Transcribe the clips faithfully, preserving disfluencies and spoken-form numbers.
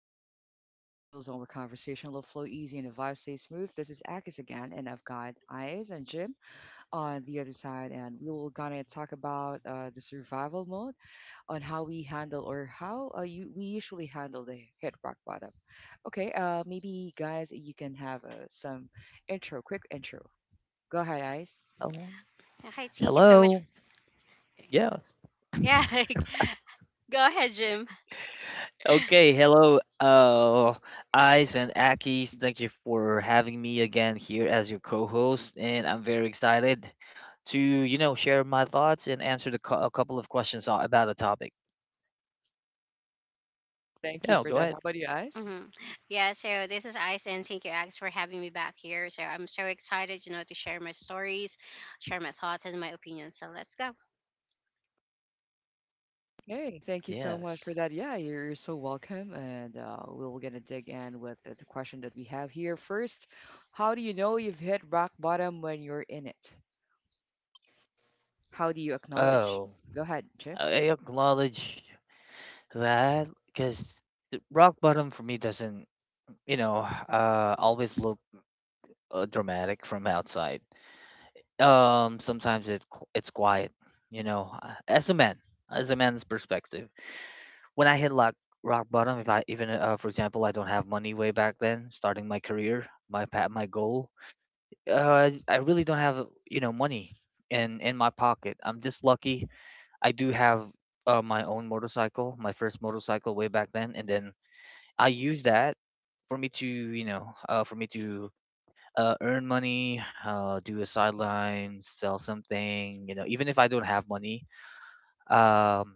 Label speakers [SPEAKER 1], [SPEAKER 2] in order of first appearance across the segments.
[SPEAKER 1] into a chill zone where conversation will flow easy and the vibe stay smooth. This is Akis again, and I've got Eyes and Jim on the other side, and we will gonna talk about uh, the survival mode on how we handle or how uh, you we usually handle the hit rock bottom. Okay, uh, maybe guys, you can have uh, some intro, quick intro. Go ahead, Eyes.
[SPEAKER 2] Hi, thank you so much. f- Yeah, go ahead, Jim.
[SPEAKER 3] Okay, hello, guys, and thank you for having hope and I'm excited to you know and answer the questions a- about the topic.
[SPEAKER 1] Thank you for that. How about you, Eyes?
[SPEAKER 2] Hmm Yeah, so this is Ice, and thank you, Alex, for having me back here. So I'm so excited, you know, to share my stories, share my thoughts and my opinions. So let's go.
[SPEAKER 1] Hey, thank you so much
[SPEAKER 3] Yes.
[SPEAKER 1] for that. Yeah, you're you're so welcome. And uh, we are gonna dig in with the the question that we have here first. How do you know you've hit rock bottom when you're in it? How do you acknowledge?
[SPEAKER 3] Oh,
[SPEAKER 1] Go ahead, Chip.
[SPEAKER 3] I acknowledge that because rock bottom for me doesn't you know uh always look uh, dramatic from outside. Um, sometimes it qu- it's quiet. You know, uh, as a man, as a man's perspective, when I hit rock rock bottom, if I even uh, for example, I don't have money way back then, starting my career, my pa- my goal. Uh, I really don't have, you know, money in in my pocket. I'm just lucky. I do have uh, my own motorcycle, my first motorcycle way back then, and then I use that for me to, you know, uh, for me to uh, earn money, uh, do a sideline, sell something, you know, even if I don't have money. Um,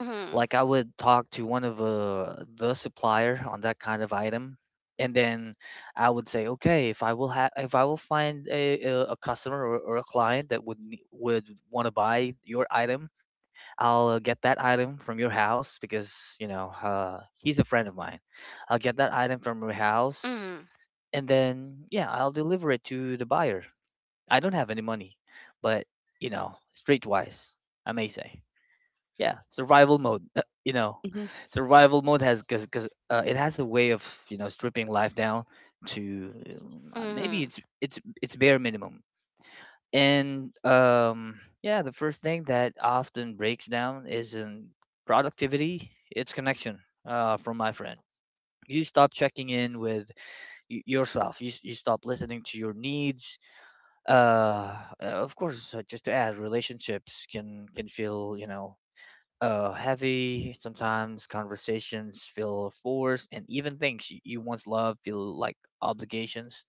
[SPEAKER 2] Hmm
[SPEAKER 3] like I would talk to one of uh, the supplier on that kind of item, and then I would say, okay, if I will have, if I will find a a a customer or, or a client that would ne- would want to buy your item. I'll uh, get that item from your house because you know uh, he's a friend of mine. I'll get that item from your house,
[SPEAKER 2] hmm
[SPEAKER 3] and then, yeah, I'll deliver it to the buyer. I don't have any money, but, you know, streetwise, I may say, yeah, survival mode uh, you know
[SPEAKER 1] Hmm
[SPEAKER 3] survival mode has because because uh, it has a way of you know stripping life down to, um, uh, maybe
[SPEAKER 2] hmm
[SPEAKER 3] it's it's it's bare minimum. And um yeah, the first thing that often breaks down isn't productivity, it's connection. Uh from my friend, you stop checking in with y- yourself, you, s- you stop listening to your needs. uh uh, of course, uh, just to add, relationships can can feel, you know uh, heavy. Sometimes conversations feel forced, and even things you, you once loved feel like obligations.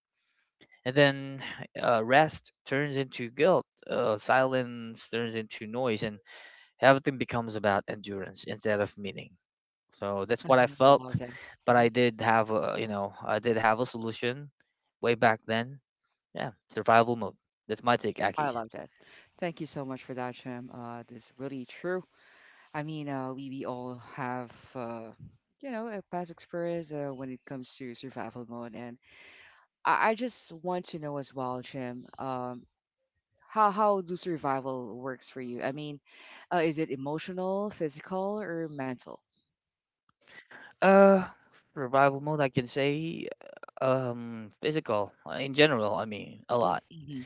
[SPEAKER 3] And then uh, rest turns into guilt, uh, silence turns into noise, and everything becomes about endurance instead of meaning. So that's what I
[SPEAKER 1] I
[SPEAKER 3] felt,
[SPEAKER 1] love that.
[SPEAKER 3] but
[SPEAKER 1] Hmm
[SPEAKER 3] I did have a, you know, I did have a solution way back then. Yeah, survival mode. That's my take,
[SPEAKER 1] I
[SPEAKER 3] Aki.
[SPEAKER 1] love that. Thank you so much for that, Chim. Uh, this is really true. I mean, uh, we, we all have, uh, you know, a past experience uh, when it comes to survival mode. And I, I just want to know as well, Chim. Um, How how do survival works for you? I mean, uh, is it emotional, physical, or mental?
[SPEAKER 3] Uh, survival mode, I can say, Um, physical, uh, in general. I mean, a lot.
[SPEAKER 1] Hmm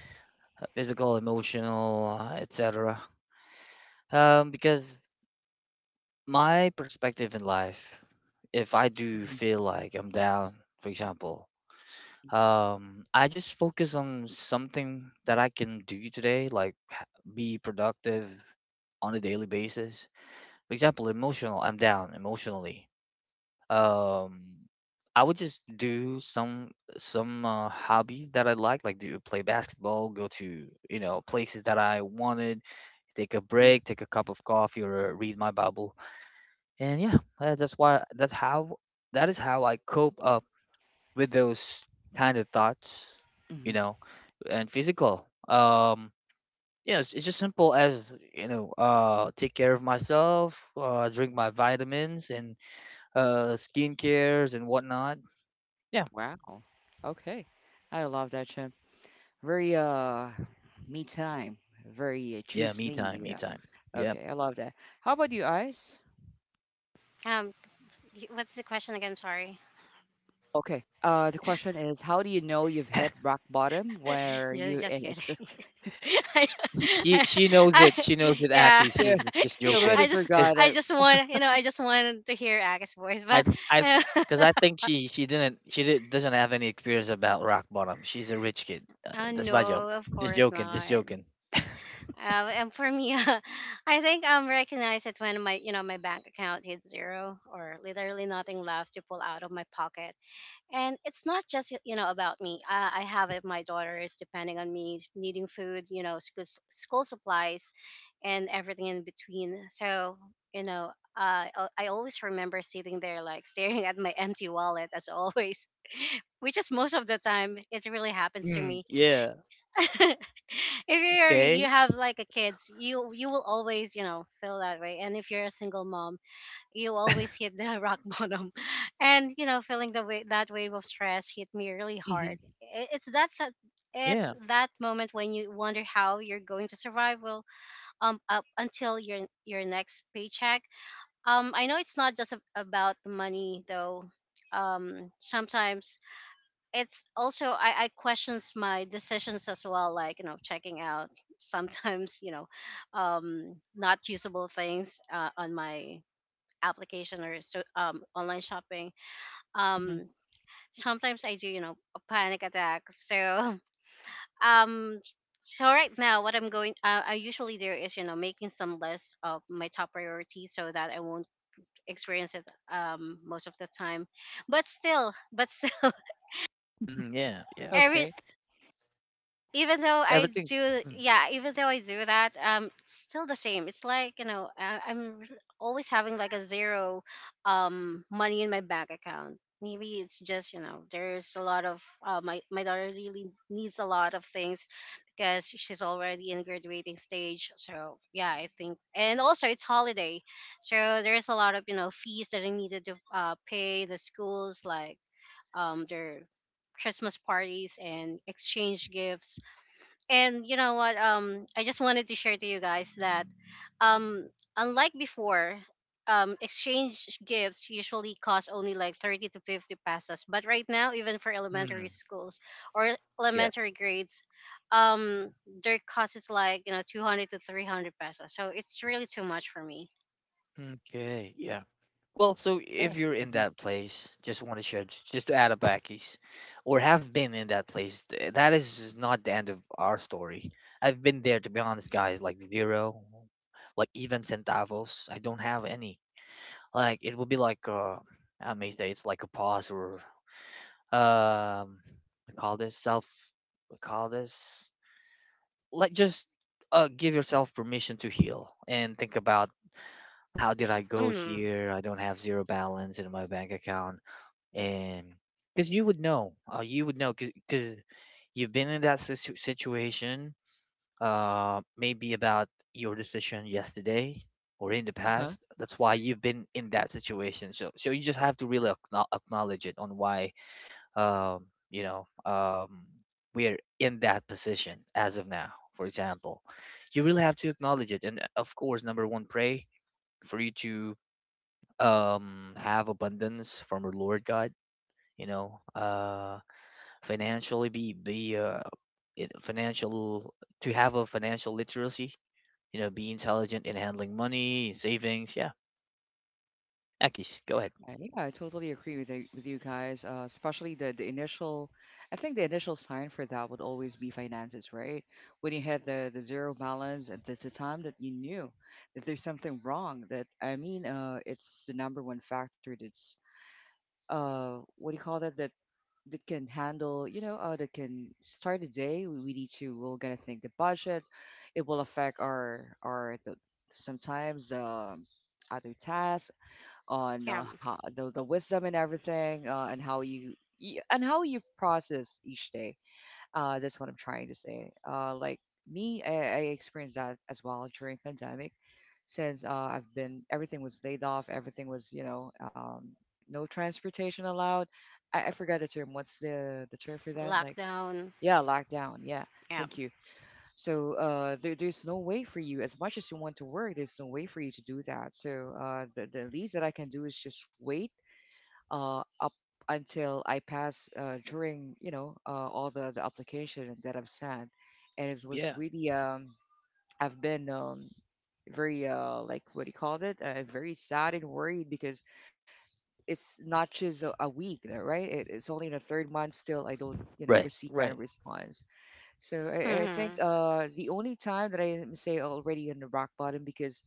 [SPEAKER 3] Uh, physical, emotional, uh, et cetera. Um, because my perspective in life, if I do
[SPEAKER 1] hmm
[SPEAKER 3] feel like I'm down, for example, um, I just focus on something that I can do today, like, h- be productive on a daily basis. For example, emotional. I'm down emotionally. Um, I would just do some some uh, hobby that I like, like do play basketball, go to, you know places that I wanted, take a
[SPEAKER 1] hmm
[SPEAKER 3] break, take a cup of coffee, or read my Bible. And yeah, uh, that's why that's how that is how I cope up with those kind of thoughts, you
[SPEAKER 1] hmm
[SPEAKER 3] know, and physical. Um, yeah, it's, it's just simple as, you know, uh, take care of myself, uh, drink my vitamins and, uh, skin cares and whatnot. Yeah.
[SPEAKER 1] Wow. Okay. I love that, Jim. Very uh, me time. Very uh,
[SPEAKER 3] Yeah,
[SPEAKER 1] choose
[SPEAKER 3] me
[SPEAKER 1] me.
[SPEAKER 3] time, me
[SPEAKER 1] Yeah.
[SPEAKER 3] time. Yep.
[SPEAKER 1] Okay. I love that. How about you, Ice?
[SPEAKER 2] Um, y- what's the question again? Sorry.
[SPEAKER 1] Okay. Uh, the question is, how do you know you've hit rock bottom where
[SPEAKER 2] just,
[SPEAKER 1] you
[SPEAKER 2] just
[SPEAKER 1] in it?
[SPEAKER 2] kidding. I,
[SPEAKER 3] He, he,
[SPEAKER 2] I,
[SPEAKER 3] she knows it.
[SPEAKER 2] I-
[SPEAKER 3] She knows it.
[SPEAKER 2] yeah.
[SPEAKER 3] Aki,
[SPEAKER 1] Yeah,
[SPEAKER 3] she's just just
[SPEAKER 1] she already
[SPEAKER 2] I
[SPEAKER 3] joking.
[SPEAKER 2] just,
[SPEAKER 3] Cause
[SPEAKER 1] forgot.
[SPEAKER 2] I
[SPEAKER 1] Uh,
[SPEAKER 2] just want, you know, I just wanted to hear Aga's voice,
[SPEAKER 3] I,
[SPEAKER 2] but
[SPEAKER 3] I,
[SPEAKER 2] you know,
[SPEAKER 3] because I think she, she didn't, she did, doesn't have any experience about rock bottom. She's a rich kid. Uh,
[SPEAKER 2] oh
[SPEAKER 3] that's my joke.
[SPEAKER 2] no, of
[SPEAKER 3] Just
[SPEAKER 2] course
[SPEAKER 3] joking. Just
[SPEAKER 2] not.
[SPEAKER 3] joking.
[SPEAKER 2] Um, and for me, I think I'm recognized it when my, you know, my bank account hit zero or literally nothing left to pull out of my pocket. And it's not just, you know, about me. I, I have it, my daughter is depending on me, needing food, you know, school, school supplies and everything in between. So, you know, uh, I I always remember sitting there like staring at my empty wallet as always, which is most of the time it really happens to
[SPEAKER 3] Mm,
[SPEAKER 2] me.
[SPEAKER 3] yeah.
[SPEAKER 2] If you're you
[SPEAKER 3] Okay.
[SPEAKER 2] have like a kids you you will always you know feel that way, and if you're a single mom, you always hit the rock bottom, and you know feeling the way that wave of stress hit me really hard.
[SPEAKER 1] mm-hmm.
[SPEAKER 2] I- it's that, that it's
[SPEAKER 3] Yeah.
[SPEAKER 2] that moment when you wonder how you're going to survive, well um up until your your next paycheck. um I know it's not just a- about the money though. Um sometimes it's also I, I questions my decisions as well, like you know checking out sometimes you know um not usable things uh, on my application or so, um, online shopping. um Sometimes I do you know a panic attack, so um so right now what I'm going uh, I usually do is you know making some list of my top priorities so that I won't experience it um most of the time. But still but still
[SPEAKER 3] Mm, yeah. Yeah.
[SPEAKER 2] every
[SPEAKER 1] Okay.
[SPEAKER 2] even though I
[SPEAKER 3] Everything.
[SPEAKER 2] do,
[SPEAKER 3] Mm,
[SPEAKER 2] yeah, Even though I do that, um, it's still the same. It's like you know, I, I'm re- always having like a zero, um, money in my bank account. Maybe it's just you know, there's a lot of uh, my my daughter really needs a lot of things because she's already in graduating stage. So yeah, I think, and also it's holiday, so there's a lot of you know fees that I needed to uh, pay the schools, like um their Christmas parties and exchange gifts. And you know what? Um, I just wanted to share to you guys that, um, unlike before, um, exchange gifts usually cost only like thirty to fifty pesos. But right now, even for elementary
[SPEAKER 3] mm,
[SPEAKER 2] schools or
[SPEAKER 3] yeah.
[SPEAKER 2] elementary grades, um, their cost is like you know two hundred to three hundred pesos. So it's really too much for me.
[SPEAKER 3] Okay, yeah. Well, so
[SPEAKER 1] Yeah.
[SPEAKER 3] if you're in
[SPEAKER 1] Mhm.
[SPEAKER 3] that place, just want to share, j- just to add, a backies, or have been in that place, th- that is just not the end of our story. I've been there, to be honest, guys, like zero, like even centavos. I don't have any. Like, it would be like, uh, I may say it's like a pause, or, um, I call this self, I call this, like, just uh, give yourself permission to heal and think about, how did I go
[SPEAKER 2] Mm,
[SPEAKER 3] here? I don't have zero balance in my bank account. And because you would know, uh, you would know because you've been in that situ- situation, uh, maybe about your decision yesterday or in the
[SPEAKER 1] Uh-huh.
[SPEAKER 3] past. That's why you've been in that situation. So, so, you just have to really acknow- acknowledge it on why, um, you know, um, we're in that position as of now. For example, you really have to acknowledge it. And, uh, of course, number one, pray for you to um have abundance from our Lord God, you know, uh financially, be be uh it- financial, to have a financial literacy, you know, be intelligent in handling money, savings, yeah. Akis, go ahead.
[SPEAKER 1] Uh, yeah, I totally agree with you, with you guys. Uh, especially the, the initial, I think the initial sign for that would always be finances, right? When you had the, the zero balance, at the the time that you knew that there's something wrong. That I mean, uh, it's the number one factor that's uh, what do you call that? That that can handle, you know, uh, that can start a day. We, we need to. We're gonna think the budget. It will affect our our the, sometimes um, other tasks on
[SPEAKER 2] yeah,
[SPEAKER 1] uh, how, the, the wisdom and everything uh, and how you y- and how you process each day uh, that's what I'm trying to say uh, like me I, I experienced that as well during pandemic since uh, I've been everything was laid off everything was you know um, no transportation allowed I, I forgot the term what's the the term for that like
[SPEAKER 2] lockdown.
[SPEAKER 1] yeah lockdown yeah
[SPEAKER 2] Yeah.
[SPEAKER 1] thank you. So uh, there, there's no way for you, as much as you want to work, there's no way for you to do that. So uh, the, the least that I can do is just wait uh, up until I pass uh, during, you know, uh, all the, the application that I've sent. And it was
[SPEAKER 3] Yeah.
[SPEAKER 1] really, um, I've been um, very, uh, like, what do you call it? Uh, very sad and worried because it's not just a, a week, uh, right? It, it's only in the third month still I don't, you know,
[SPEAKER 3] Right,
[SPEAKER 1] receive any
[SPEAKER 3] right.
[SPEAKER 1] response. So I, I think
[SPEAKER 2] Mm-hmm.
[SPEAKER 1] uh, the only time that I am, say already on the rock bottom because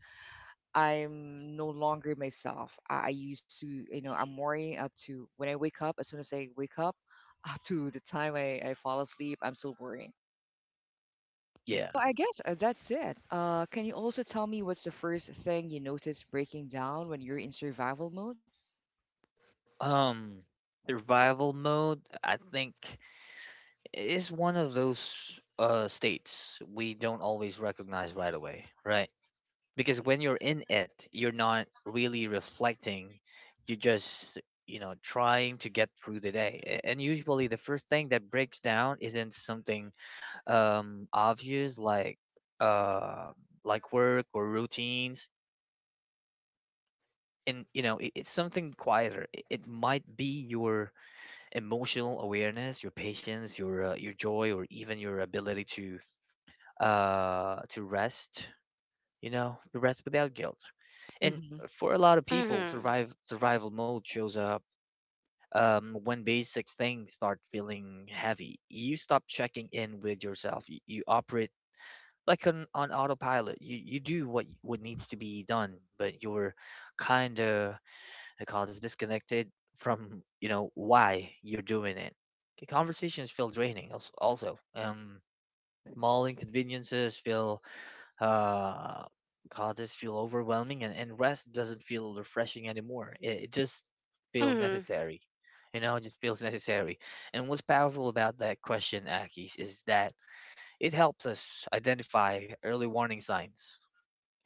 [SPEAKER 1] I'm no longer myself. I, I used to, you know, I'm worrying up to when I wake up. As soon as I wake up, up to the time I, I fall asleep, I'm still worrying.
[SPEAKER 3] Yeah.
[SPEAKER 1] Well, I guess uh, that's it. Uh, can you also tell me what's the first thing you notice breaking down when you're in survival mode?
[SPEAKER 3] Um Survival mode, I think, is one of those uh states we don't always recognize right away, right? Because when you're in it, you're not really reflecting, you're just, you know trying to get through the day. A- and usually the first thing that breaks down isn't something um obvious, like, uh like work or routines. And, you know it, it's something quieter. It, it might be your emotional awareness, your patience, your uh, your joy, or even your ability to uh to rest, you know the rest without guilt. And
[SPEAKER 1] Mm-hmm.
[SPEAKER 3] for a lot of people,
[SPEAKER 2] Mm-hmm.
[SPEAKER 3] survive survival mode shows up um, when basic things start feeling heavy. You stop checking in with yourself, you, you operate like, on, on autopilot. You, you do what what needs to be done, but you're kind of, I call this, disconnected from, you know why you're doing it. Okay, conversations feel draining, als- also, um small inconveniences feel, uh god, this feel overwhelming, and, and, rest doesn't feel refreshing anymore. It, it just feels
[SPEAKER 2] Mm-hmm.
[SPEAKER 3] necessary, you know it just feels necessary. And what's powerful about that question, akis, is that it helps us identify early warning signs.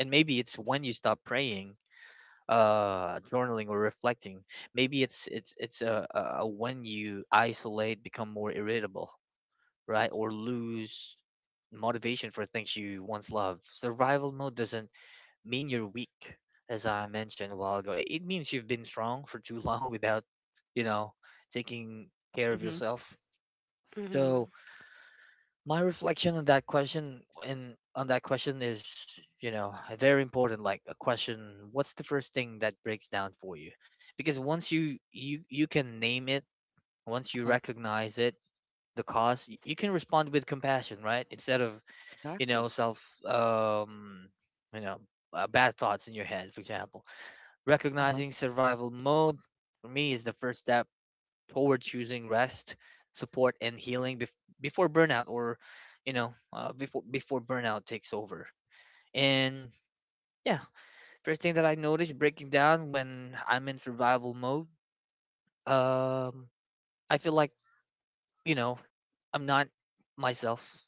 [SPEAKER 3] And maybe it's when you stop praying, uh journaling or reflecting. Maybe it's, it's it's uh, uh when you isolate, become more irritable, right, or lose motivation for things you once loved. Survival mode doesn't mean you're weak, as I mentioned a while ago. It means you've been strong for too long without, you know, taking care of
[SPEAKER 1] Mm-hmm.
[SPEAKER 3] yourself.
[SPEAKER 2] Mm-hmm.
[SPEAKER 3] So my reflection on that question and on that question is, you know, a very important. Like a question, what's the first thing that breaks down for you? Because once you, you you can name it, once you
[SPEAKER 1] Uh-huh.
[SPEAKER 3] recognize it, the cause, y- you can respond with compassion, right? Instead of, you know
[SPEAKER 1] Exactly.
[SPEAKER 3] self, um, you know, uh, bad thoughts in your head, for example.
[SPEAKER 1] Uh-huh.
[SPEAKER 3] Recognizing survival mode for me is the first step toward choosing rest, support, and healing, bef- before burnout, or, you know, uh, before before burnout takes over. And yeah, first thing that I notice breaking down when I'm in survival mode, um, I feel like, you know I'm not myself.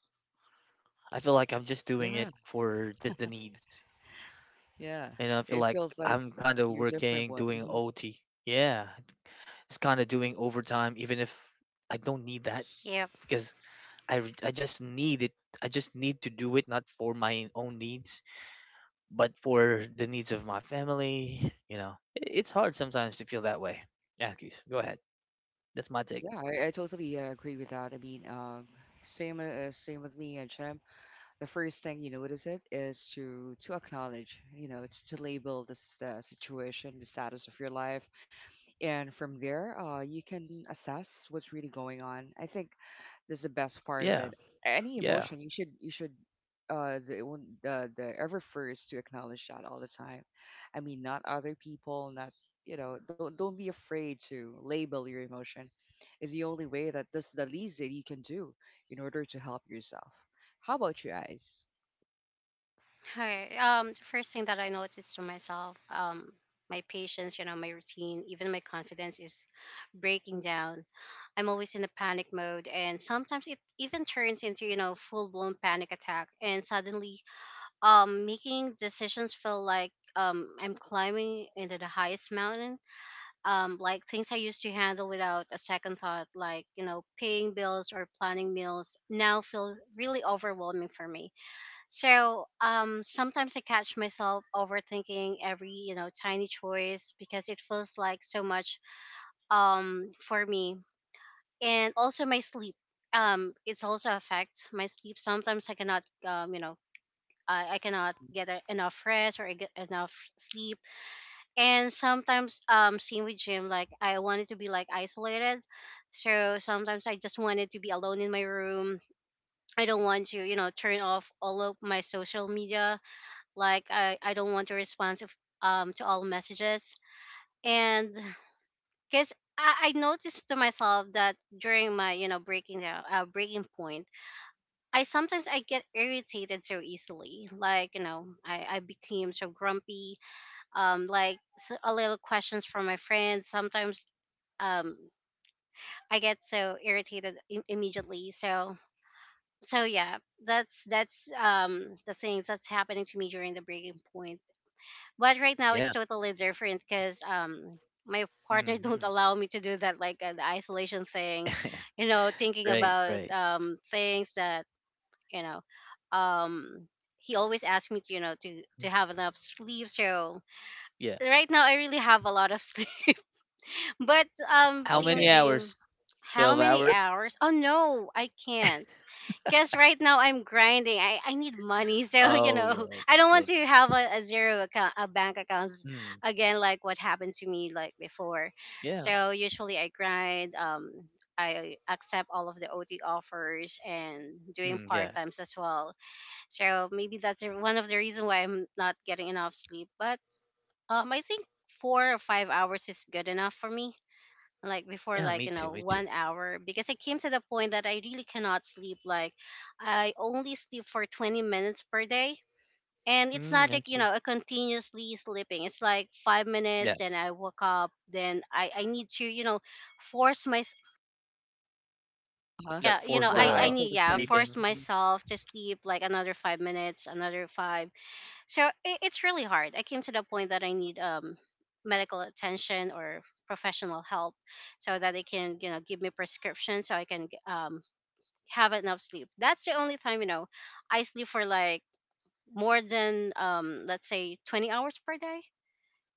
[SPEAKER 3] I feel like I'm just doing it
[SPEAKER 1] Yeah,
[SPEAKER 3] for just the needs.
[SPEAKER 1] yeah.
[SPEAKER 3] And I feel
[SPEAKER 1] It
[SPEAKER 3] like
[SPEAKER 1] feels like
[SPEAKER 3] I'm kind of
[SPEAKER 1] you're different.
[SPEAKER 3] working,
[SPEAKER 1] What?
[SPEAKER 3] doing O T. Yeah, it's kind of doing overtime, even if I don't need that,
[SPEAKER 2] Yeah.
[SPEAKER 3] because I re- I just need it. I just need to do it not for my own needs, but for the needs of my family. You know, it, it's hard sometimes to feel that way. Yeah, Keith, go ahead. That's my take.
[SPEAKER 1] Yeah, I, I totally uh, agree with that. I mean, um, same uh, same with me and Chem. The first thing you notice it is to to acknowledge, you know, to, to label this uh, situation, the status of your life, and from there, uh, you can assess what's really going on. I think this is the best part of
[SPEAKER 3] Yeah,
[SPEAKER 1] it. Any
[SPEAKER 3] yeah,
[SPEAKER 1] emotion, you should you should uh the one- the the ever first to acknowledge that all the time. I mean, not other people, not you know, don't don't be afraid to label your emotion is the only way that that's the least that you can do in order to help yourself. How about you guys?
[SPEAKER 2] Hi. Um, the first thing that I noticed to myself, um, my patience, you know, my routine, even my confidence is breaking down. I'm always in a panic mode, and sometimes it even turns into, you know, full blown panic attack. And suddenly, um, making decisions feel like um, I'm climbing into the highest mountain. Um, like things I used to handle without a second thought, like you know, paying bills or planning meals, now feel really overwhelming for me. So um, sometimes I catch myself overthinking every you know tiny choice because it feels like so much um, for me. And also my sleep. Um, it's also affects my sleep. Sometimes I cannot um, you know I, I cannot get a, enough rest or I get enough sleep. And sometimes um same with Jim. Like I wanted to be like isolated, so sometimes I just wanted to be alone in my room. I don't want to you know turn off all of my social media. Like I, I don't want to respond to, um, to all messages. And because I, I noticed to myself that during my, you know, breaking down, uh, breaking point, I sometimes I get irritated so easily. Like, you know, I, I became so grumpy. Um, like s- a little questions from my friends. Sometimes um, I get so irritated I- immediately. So so yeah, that's that's um the things that's happening to me during the breaking point. But right now it's
[SPEAKER 3] yeah.
[SPEAKER 2] totally different because um my partner don't
[SPEAKER 3] Hmm.
[SPEAKER 2] allow me to do that, like uh, the isolation thing, you know thinking
[SPEAKER 3] Right,
[SPEAKER 2] about
[SPEAKER 3] right.
[SPEAKER 2] um things that you know um he always asks me to you know to to have enough sleep. So
[SPEAKER 3] Yeah.
[SPEAKER 2] right now I really have a lot of sleep. But um,
[SPEAKER 3] How
[SPEAKER 1] Okay.
[SPEAKER 3] many
[SPEAKER 2] Jim,
[SPEAKER 3] hours?
[SPEAKER 2] how
[SPEAKER 3] Twelve
[SPEAKER 2] many
[SPEAKER 3] hours?
[SPEAKER 2] hours? Oh no, I can't. Cause right now I'm grinding. I, I need money, so you
[SPEAKER 3] Oh,
[SPEAKER 2] know
[SPEAKER 3] yeah,
[SPEAKER 2] I don't want
[SPEAKER 3] yeah.
[SPEAKER 2] to have a, a zero account, a bank accounts
[SPEAKER 3] Mm,
[SPEAKER 2] again, like what happened to me like before.
[SPEAKER 3] yeah,
[SPEAKER 2] So usually I grind. Um, I accept all of the O T offers and
[SPEAKER 3] mm,
[SPEAKER 2] doing
[SPEAKER 3] yeah,
[SPEAKER 2] part times as well. So maybe that's the- one of the reason why I'm not getting enough sleep. But um, I think four or five hours is good enough for me, like before,
[SPEAKER 3] yeah. Me
[SPEAKER 2] like you
[SPEAKER 3] too, me
[SPEAKER 2] know
[SPEAKER 3] too.
[SPEAKER 2] one hour, because I came to the point that I really cannot sleep. Like I only sleep for twenty minutes per day, and it's
[SPEAKER 3] Mm,
[SPEAKER 2] not
[SPEAKER 3] I
[SPEAKER 2] like you
[SPEAKER 3] see.
[SPEAKER 2] know a continuously sleeping. It's like five
[SPEAKER 3] Yeah,
[SPEAKER 2] minutes then I woke up, then i i need to you know force my
[SPEAKER 1] Uh-huh.
[SPEAKER 3] like,
[SPEAKER 2] yeah you
[SPEAKER 3] force
[SPEAKER 2] know
[SPEAKER 1] Yeah,
[SPEAKER 2] i i
[SPEAKER 1] I
[SPEAKER 3] the
[SPEAKER 1] feel
[SPEAKER 2] need
[SPEAKER 1] the
[SPEAKER 2] yeah
[SPEAKER 1] same.
[SPEAKER 3] sleeping.
[SPEAKER 2] force
[SPEAKER 1] Mhm,
[SPEAKER 2] myself to sleep like another five minutes, another five. So it, it's really hard. I came to the point that I need um medical attention or professional help so that they can you know give me prescription so I can um have enough sleep. That's the only time you know I sleep for like more than um let's say twenty hours per day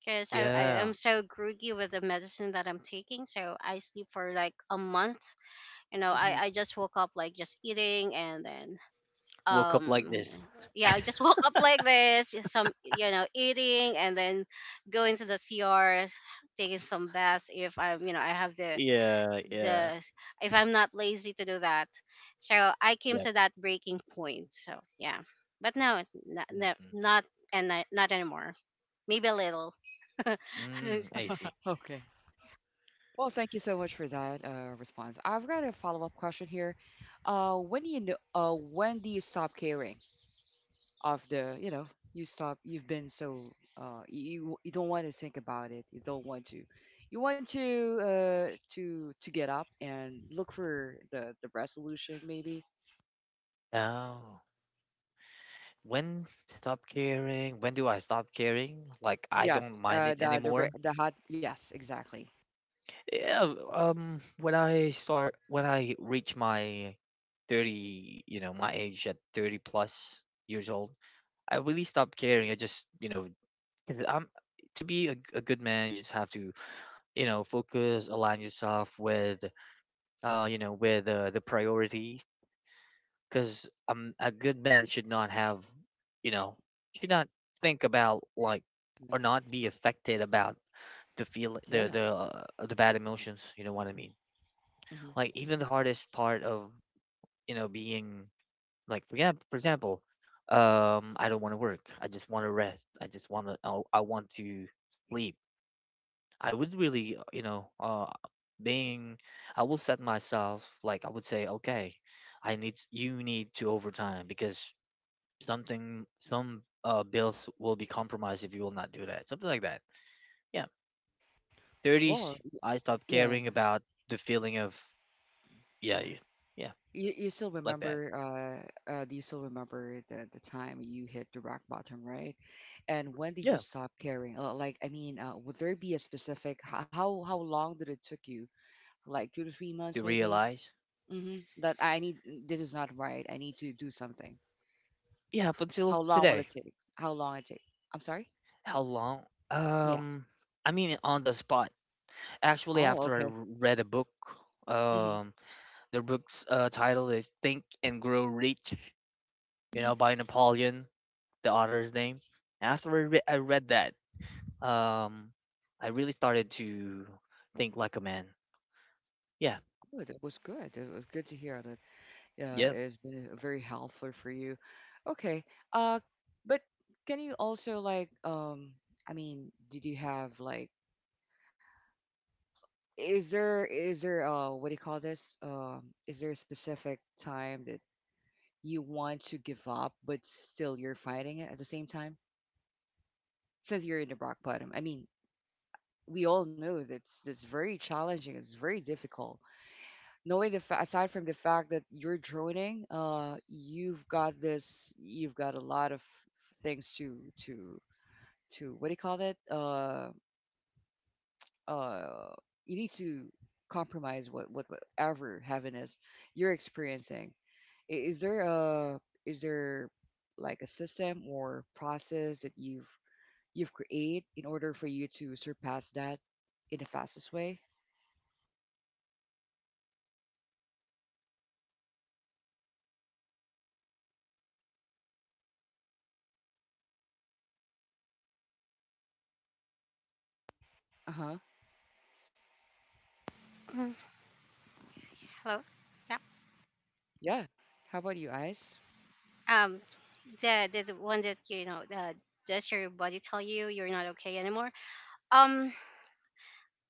[SPEAKER 2] because I, I
[SPEAKER 1] mhm.
[SPEAKER 3] Yeah,
[SPEAKER 2] am so groggy with the medicine that I'm taking, so I sleep for like a month. You know, I,
[SPEAKER 1] hmm
[SPEAKER 2] I just woke up like just eating, and then
[SPEAKER 3] woke up like
[SPEAKER 2] um
[SPEAKER 3] this.
[SPEAKER 2] yeah I just woke up like this, some you know eating and then going to the crs, taking some baths if I'm you know I have the
[SPEAKER 3] Yeah, yeah,
[SPEAKER 2] the if I'm not lazy to do that. So I came
[SPEAKER 3] yep.
[SPEAKER 2] to that breaking point, so yeah. But no, not not,
[SPEAKER 3] Mm-mm.
[SPEAKER 2] not and I- not anymore. Maybe a little. Hello.
[SPEAKER 3] Mm, I see.
[SPEAKER 1] Okay. Well, thank you so much for that uh, response. I've got a follow-up question here. Uh, when do you know, uh, when do you stop caring of the, you know, you stop, you've been so, uh, you you don't want to think about it. You don't want to, you want to uh, to to get up and look for the the resolution maybe.
[SPEAKER 3] Oh, when stop caring? When do I stop caring? Like, I don't
[SPEAKER 1] Yes,
[SPEAKER 3] mind
[SPEAKER 1] uh,
[SPEAKER 3] it
[SPEAKER 1] the the re-
[SPEAKER 3] anymore.
[SPEAKER 1] the hot. Yes, exactly.
[SPEAKER 3] Yeah. Um. When I start, when I reach my thirty, you know, my age at thirty plus years old, I really stopped caring. I just, you know, 'cause I'm, to be a, a good man, you just have to, you know, focus, align yourself with, uh, you know, with uh, the priorities, because um, a good man should not have you know should not think about, like,
[SPEAKER 1] Uh,
[SPEAKER 3] or not be affected about the feel, the
[SPEAKER 1] Yeah.
[SPEAKER 3] the uh, the bad emotions, you know what I mean?
[SPEAKER 1] hmm
[SPEAKER 3] Like, even the hardest part of, you know being, like, for example, for example, um I don't want to work, I just want to rest i just want to I, I want to sleep. I would really, uh, you know uh being I will set myself, like, I would say, okay, I need, you need to overtime, because something, some uh bills will be compromised if you will not do that, something like that, yeah. thirties,
[SPEAKER 1] Well, y-
[SPEAKER 3] I stopped
[SPEAKER 1] yeah.
[SPEAKER 3] caring about the feeling of, yeah, you- yeah,
[SPEAKER 1] You, you still
[SPEAKER 3] like that,
[SPEAKER 1] remember? Uh, uh, do you still remember the the time you hit the rock bottom, right? And when did you
[SPEAKER 3] yeah.
[SPEAKER 1] stop caring? Uh, Like, I mean, uh, would there be a specific? h- How how long did it took you? Like two to three months,
[SPEAKER 3] You
[SPEAKER 1] maybe.
[SPEAKER 3] realize,
[SPEAKER 1] Mm-hmm. That I need. Mm, this is not right. I need to do something.
[SPEAKER 3] yeah, up until
[SPEAKER 1] How long will
[SPEAKER 3] today.
[SPEAKER 1] it take? How long it take? I'm sorry.
[SPEAKER 3] How long?
[SPEAKER 1] Yeah.
[SPEAKER 3] um I mean, on the spot, actually,
[SPEAKER 1] Oh,
[SPEAKER 3] after I
[SPEAKER 1] okay.
[SPEAKER 3] r- read a book.
[SPEAKER 1] Mm-hmm.
[SPEAKER 3] um the book's uh, title is Think and Grow Rich, you
[SPEAKER 1] Mm-hmm.
[SPEAKER 3] know by Napoleon, the author's name. After i, re- I read that, um I really started to think like a man. Yeah.
[SPEAKER 1] Good. It was good. It was good to hear that. Yeah, it's been very helpful for you. Okay. Uh, but can you also like um I mean, did you have like is there is there uh what do you call this? Um is there a specific time that you want to give up but still you're fighting it at the same time? Since you're in the rock bottom. I mean, we all know that's that's very challenging, it's very difficult. Knowing the fa- aside from the fact that you're droning, uh, you've got this, you've got a lot of things to to to what do you call it? Uh, uh, you need to compromise what what whatever heaven is you're experiencing. I- Is there a is there like a system or process that you've you've created in order for you to surpass that in the fastest way? Uh huh.
[SPEAKER 2] Yeah.
[SPEAKER 1] Yeah. How about you, Ice?
[SPEAKER 2] Um the, the the one that you know, the does your body tell you you're not okay anymore? um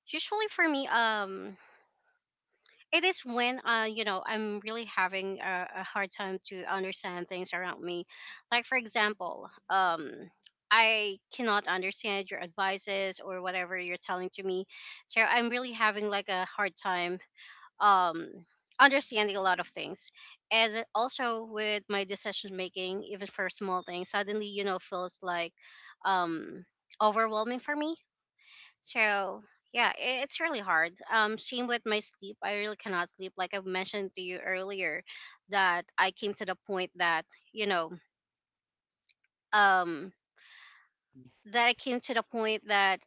[SPEAKER 2] Usually for me um it is when uh you know I'm really having a, a hard time to understand things around me. Like for example um I cannot understand your advices or whatever you're telling to me. So I'm really having like a hard time um understanding a lot of things. And also with my decision making, even for small things, suddenly you know feels like um overwhelming for me. So yeah, i- it's really hard. Um, same with my sleep. I really cannot sleep. Like I mentioned to you earlier, that I came to the point that you know, um, that I came to the point that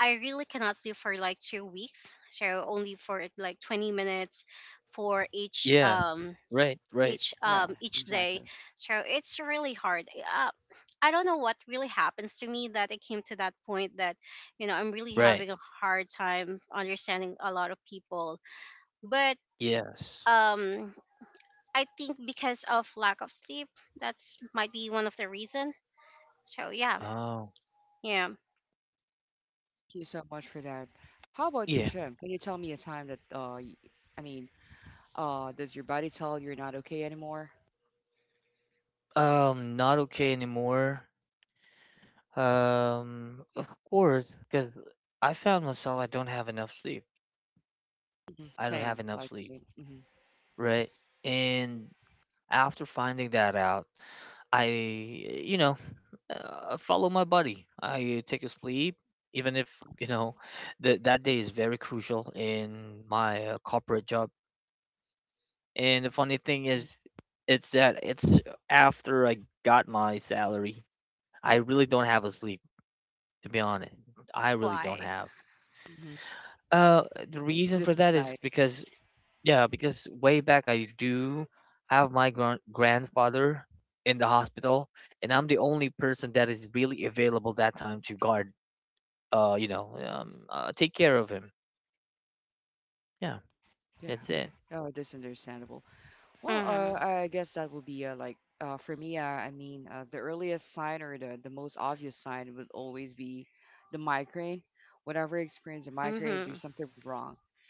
[SPEAKER 2] I really cannot sleep for like two weeks. So only for like twenty minutes for each
[SPEAKER 3] Yeah.
[SPEAKER 2] um
[SPEAKER 3] Right. Right.
[SPEAKER 2] each um
[SPEAKER 1] Yeah,
[SPEAKER 2] each day.
[SPEAKER 1] exactly.
[SPEAKER 2] So it's really hard. uh, I don't know what really happens to me that it came to that point that you know I'm really
[SPEAKER 3] Right.
[SPEAKER 2] having a hard time understanding a lot of people. But
[SPEAKER 3] Yes.
[SPEAKER 2] um I think because of lack of sleep, that's might be one of the reason. So yeah.
[SPEAKER 3] Oh.
[SPEAKER 2] Yeah.
[SPEAKER 1] You so much for that. How about you,
[SPEAKER 3] Yeah.
[SPEAKER 1] Jim? Can you tell me a time that, uh, y- I mean, uh, does your body tell you're not okay anymore?
[SPEAKER 3] Um not okay anymore. Um of course, cuz I found myself, I don't have enough sleep.
[SPEAKER 1] Hmm
[SPEAKER 3] I don't have
[SPEAKER 1] Same, I
[SPEAKER 3] enough
[SPEAKER 1] like the
[SPEAKER 3] sleep,
[SPEAKER 1] same. Hmm
[SPEAKER 3] right? And after finding that out, I, you know, uh, follow my body. I take a sleep, even if, you know, that that day is very crucial in my, uh, corporate job. And the funny thing is, it's that it's after I got my salary, I really don't have a sleep. To be honest, I really don't
[SPEAKER 2] Why?
[SPEAKER 3] have.
[SPEAKER 1] hmm
[SPEAKER 3] Uh, the reason for
[SPEAKER 1] Sleepless
[SPEAKER 3] that
[SPEAKER 1] night.
[SPEAKER 3] is because, yeah, because way back, I do have my gran- grandfather in the hospital, and I'm the only person that is really available that time to guard, uh, you know, um, uh, take care of him. Yeah,
[SPEAKER 1] Yeah.
[SPEAKER 3] that's
[SPEAKER 1] Okay.
[SPEAKER 3] it.
[SPEAKER 1] Oh, that's understandable. Well, uh,
[SPEAKER 2] Mhm.
[SPEAKER 1] I guess that would be uh, like uh, for me. Uh, I mean, uh, the earliest sign or the the most obvious sign would always be the migraine. Whenever I experience a migraine,
[SPEAKER 2] Mhm.
[SPEAKER 1] there's something wrong.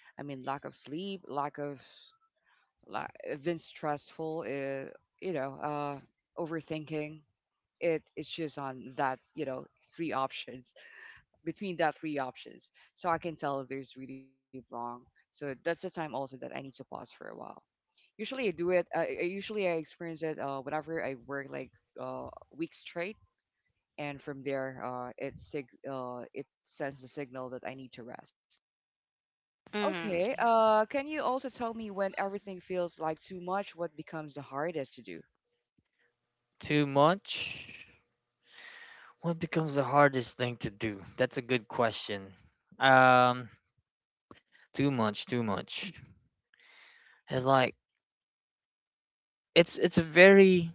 [SPEAKER 1] I mean, lack of sleep, lack of like been stressful uh, you know uh overthinking it it's just on that you know three options between that three options so I can tell if there's really wrong. So that's the time also that I need to pause for a while. Usually I do it i, I usually I experience it uh, whenever I work like uh week straight, and from there uh it sig- uh it sends the signal that I need to rest.
[SPEAKER 2] Mhm.
[SPEAKER 1] Okay,
[SPEAKER 2] Yeah.
[SPEAKER 1] uh, can you also tell me when everything feels like too much, what becomes the hardest to do?
[SPEAKER 3] Too much. What becomes the hardest thing to do? That's a good question. Um, Too much, too much. It's like, it's it's a very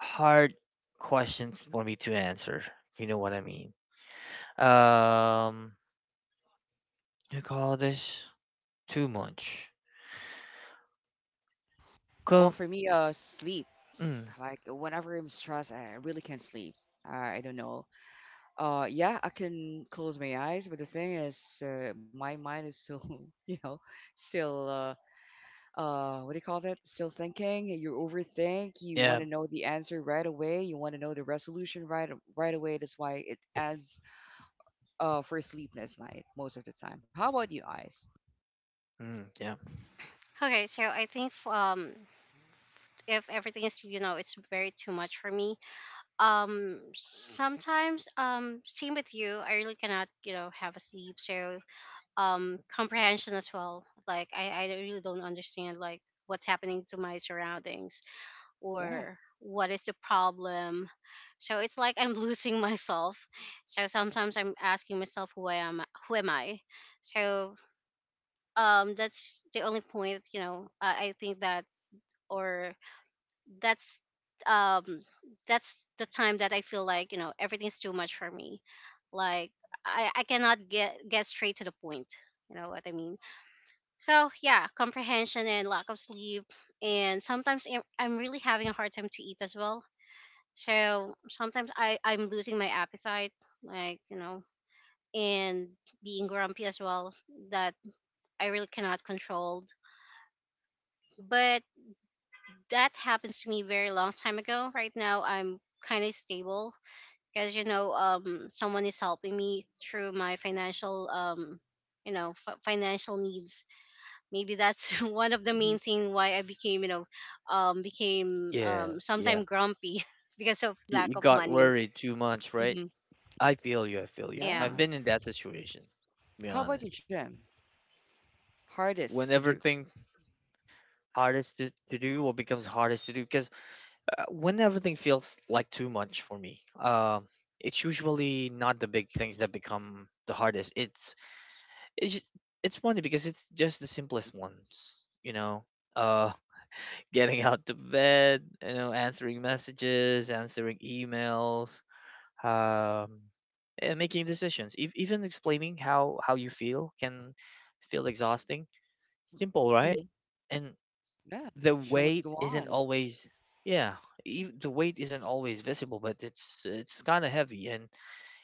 [SPEAKER 3] hard question for me to answer. If You know what I mean? Um, you call this too much?
[SPEAKER 1] Well,
[SPEAKER 3] Co-
[SPEAKER 1] for me, uh, sleep.
[SPEAKER 3] mm,
[SPEAKER 1] Like whenever I'm stressed, I really can't sleep. I I don't know. Uh, yeah, I can close my eyes, but the thing is, uh, my mind is still, you know, still, uh, uh, what do you call that? Still thinking. You overthink. You
[SPEAKER 3] yeah,
[SPEAKER 1] want to know the answer right away. You want to know the resolution right right away. That's why it adds, uh, for a sleepless night most of the time. How about you, eyes?
[SPEAKER 3] mm, yeah,
[SPEAKER 2] Okay so I think f- um if everything is you know it's very too much for me um sometimes um same with you I really cannot you know have a sleep. So um comprehension as well, like i i really don't understand like what's happening to my surroundings
[SPEAKER 1] Yeah.
[SPEAKER 2] or what is the problem. So it's like I'm losing myself. So sometimes I'm asking myself who I am, who am I. So um that's the only point you know I, I think that's or that's um that's the time that I feel like you know everything's too much for me. Like I I cannot get get straight to the point. You know what I mean? So yeah, comprehension and lack of sleep, and sometimes I'm I'm really having a hard time to eat as well. So sometimes I I'm losing my appetite, like you know, and being grumpy as well that I really cannot control. But that happens to me very long time ago. Right now I'm kind of stable because you know um someone is helping me through my financial um you know f- financial needs. Maybe that's one of the
[SPEAKER 1] hmm
[SPEAKER 2] main thing why I became you know um became
[SPEAKER 3] yeah.
[SPEAKER 2] um sometime grumpy because of
[SPEAKER 3] You,
[SPEAKER 2] lack
[SPEAKER 3] you
[SPEAKER 2] of
[SPEAKER 3] got
[SPEAKER 2] money.
[SPEAKER 3] worried too much, right?
[SPEAKER 1] hmm
[SPEAKER 3] I feel you. I feel you.
[SPEAKER 2] Yeah.
[SPEAKER 3] I've
[SPEAKER 1] Yeah.
[SPEAKER 3] been in that situation, to be
[SPEAKER 1] How
[SPEAKER 3] honest.
[SPEAKER 1] about you, Jim?
[SPEAKER 3] When
[SPEAKER 1] Hardest to do.
[SPEAKER 3] everything hardest to, to do, or becomes hardest to do, because, uh, when everything feels like too much for me, um, it's usually not the big things that become the hardest. It's it's just, it's funny because it's just the simplest ones, you know. Uh, Getting out to bed, you know, answering messages, answering emails, um, and making decisions. Ev Even explaining how how you feel can feel exhausting. Simple, right? And
[SPEAKER 1] Yeah,
[SPEAKER 3] the
[SPEAKER 1] show
[SPEAKER 3] weight
[SPEAKER 1] must go
[SPEAKER 3] isn't
[SPEAKER 1] on.
[SPEAKER 3] always, yeah. Ev The weight isn't always visible, but it's it's kind of heavy, and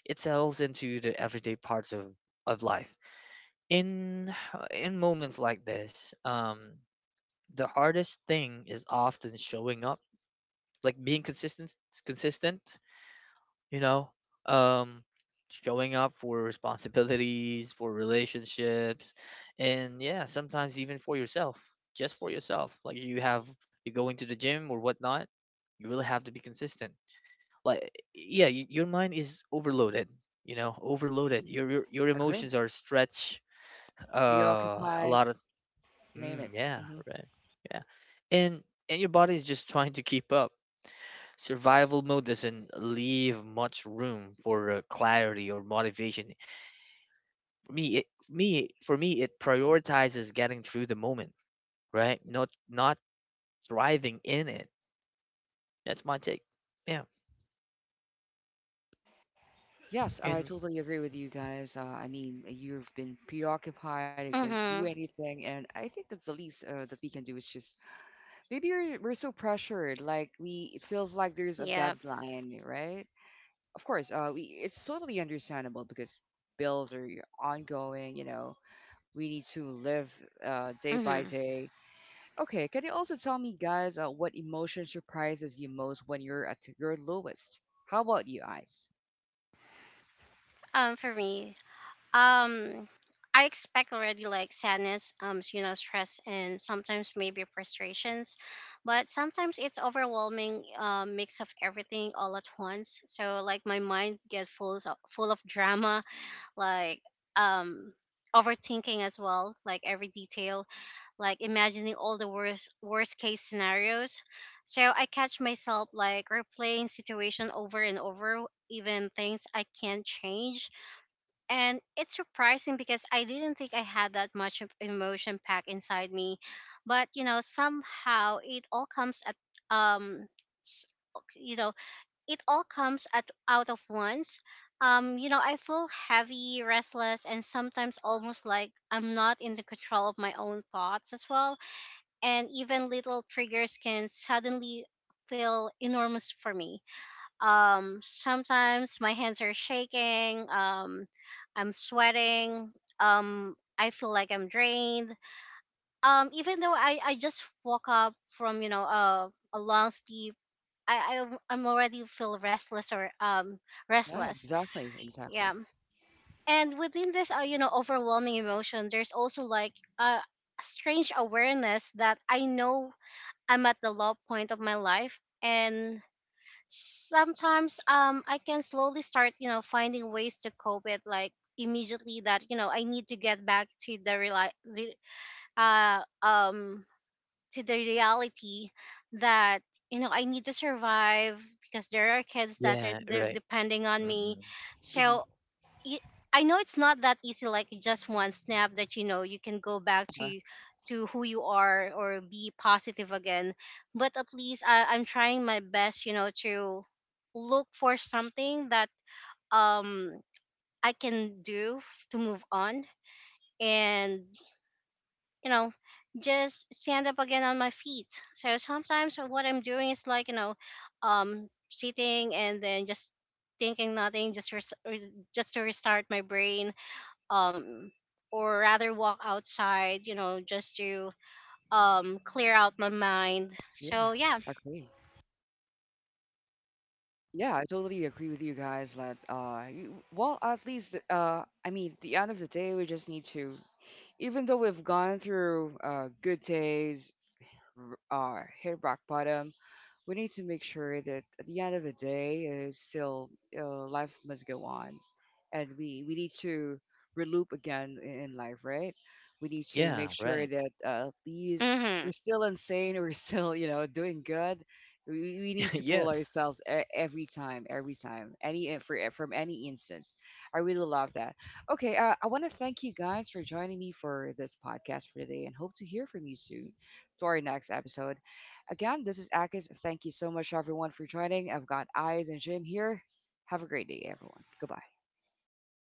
[SPEAKER 3] it sells into the everyday parts of of life. In in moments like this, um, the hardest thing is often showing up, like being consistent, consistent you know, um showing up for responsibilities, for relationships, and yeah, sometimes even for yourself, just for yourself. Like, you have, you're going to the gym or whatnot, you really have to be consistent. Like, yeah, y- your mind is overloaded, you know overloaded your your, your emotions
[SPEAKER 1] Agree.
[SPEAKER 3] are stretched, uh a
[SPEAKER 1] Preoccupied,
[SPEAKER 3] lot of,
[SPEAKER 1] name
[SPEAKER 3] mm,
[SPEAKER 1] it.
[SPEAKER 3] yeah,
[SPEAKER 1] Hmm
[SPEAKER 3] right, yeah. and and your body is just trying to keep up. Survival mode doesn't leave much room for, uh, clarity or motivation. For me, it, me, for me, it prioritizes getting through the moment, right? Not, not thriving in it. That's my take. Yeah.
[SPEAKER 1] Yes, I
[SPEAKER 3] And
[SPEAKER 1] totally agree with you guys. Uh, I mean, you've been preoccupied, you can't do
[SPEAKER 2] Mm-hmm.
[SPEAKER 1] anything, and I think that's the least uh, that we can do is just maybe we're, we're so pressured, like we it feels like there's a
[SPEAKER 2] Yeah.
[SPEAKER 1] deadline, right? Of course, uh, we it's totally understandable because bills are ongoing, you know, we need to live uh, day by
[SPEAKER 2] Mm-hmm.
[SPEAKER 1] day. Okay, can you also tell me, guys, uh, what emotion surprises you most when you're at your lowest? How about you, Ice?
[SPEAKER 2] Um for me Um, I expect already like sadness, um, you know, stress, and sometimes maybe frustrations, but sometimes it's overwhelming uh, mix of everything all at once. So like my mind gets full of, full of drama, like um overthinking as well, like every detail, like imagining all the worst worst case scenarios. So I catch myself like replaying situation over and over, even things I can't change. And it's surprising because I didn't think I had that much of emotion packed inside me, but you know somehow it all comes at um s- you know it all comes at out of once. Um, you know, I feel heavy, restless, and sometimes almost like I'm not in the control of my own thoughts as well. And even little triggers can suddenly feel enormous for me. Um sometimes my hands are shaking, um I'm sweating, um I feel like I'm drained um even though i i just woke up from you know uh, a long sleep. I, I I'm already feel restless or um
[SPEAKER 1] Yeah,
[SPEAKER 2] restless
[SPEAKER 1] exactly,
[SPEAKER 2] yeah.
[SPEAKER 1] exactly.
[SPEAKER 2] And within this uh, you know overwhelming emotion there's also like a strange awareness that I know I'm at the low point of my life. And sometimes um I can slowly start, you know, finding ways to cope it, like immediately that, you know, I need to get back to the reali- re- uh um to the reality that you know I need to survive because there are kids that are
[SPEAKER 3] yeah,
[SPEAKER 2] they're
[SPEAKER 3] right.
[SPEAKER 2] depending on me.
[SPEAKER 3] Mm-mm.
[SPEAKER 1] hmm
[SPEAKER 2] So y- I know it's not that easy, like just one snap that you know you can go back
[SPEAKER 1] Uh,
[SPEAKER 2] to to who you are or be positive again. But at least I, I'm trying my best you know to look for something that um I can do to move on. And you know just stand up again on my feet. So sometimes what I'm doing is like you know um sitting and then just thinking nothing, just res- res- just to restart my brain, um or rather walk outside you know just to um clear out my mind.
[SPEAKER 1] yeah,
[SPEAKER 2] So yeah.
[SPEAKER 1] agree. Yeah, I totally agree with you guys that uh you, well at least uh I mean at the end of the day we just need to even though we've gone through uh good days r- uh, hit rock bottom, we need to make sure that at the end of the day, is still uh, life must go on, and we we need to reloop again in, in life, right? We need to
[SPEAKER 3] Yeah,
[SPEAKER 1] make
[SPEAKER 3] right.
[SPEAKER 1] sure that uh, at least we're
[SPEAKER 2] Mhm.
[SPEAKER 1] still insane, we're still you know doing good. We, we need to pull
[SPEAKER 3] Yes.
[SPEAKER 1] ourselves e- every time, every time, any in- for from any instance. I really love that. Okay, uh, I want to thank you guys for joining me for this podcast for today, and hope to hear from you soon to our next episode. Again, this is Akis. Thank you so much, everyone, for joining. I've got Eyes and Jim here. Have a great day, everyone. Goodbye.
[SPEAKER 3] Have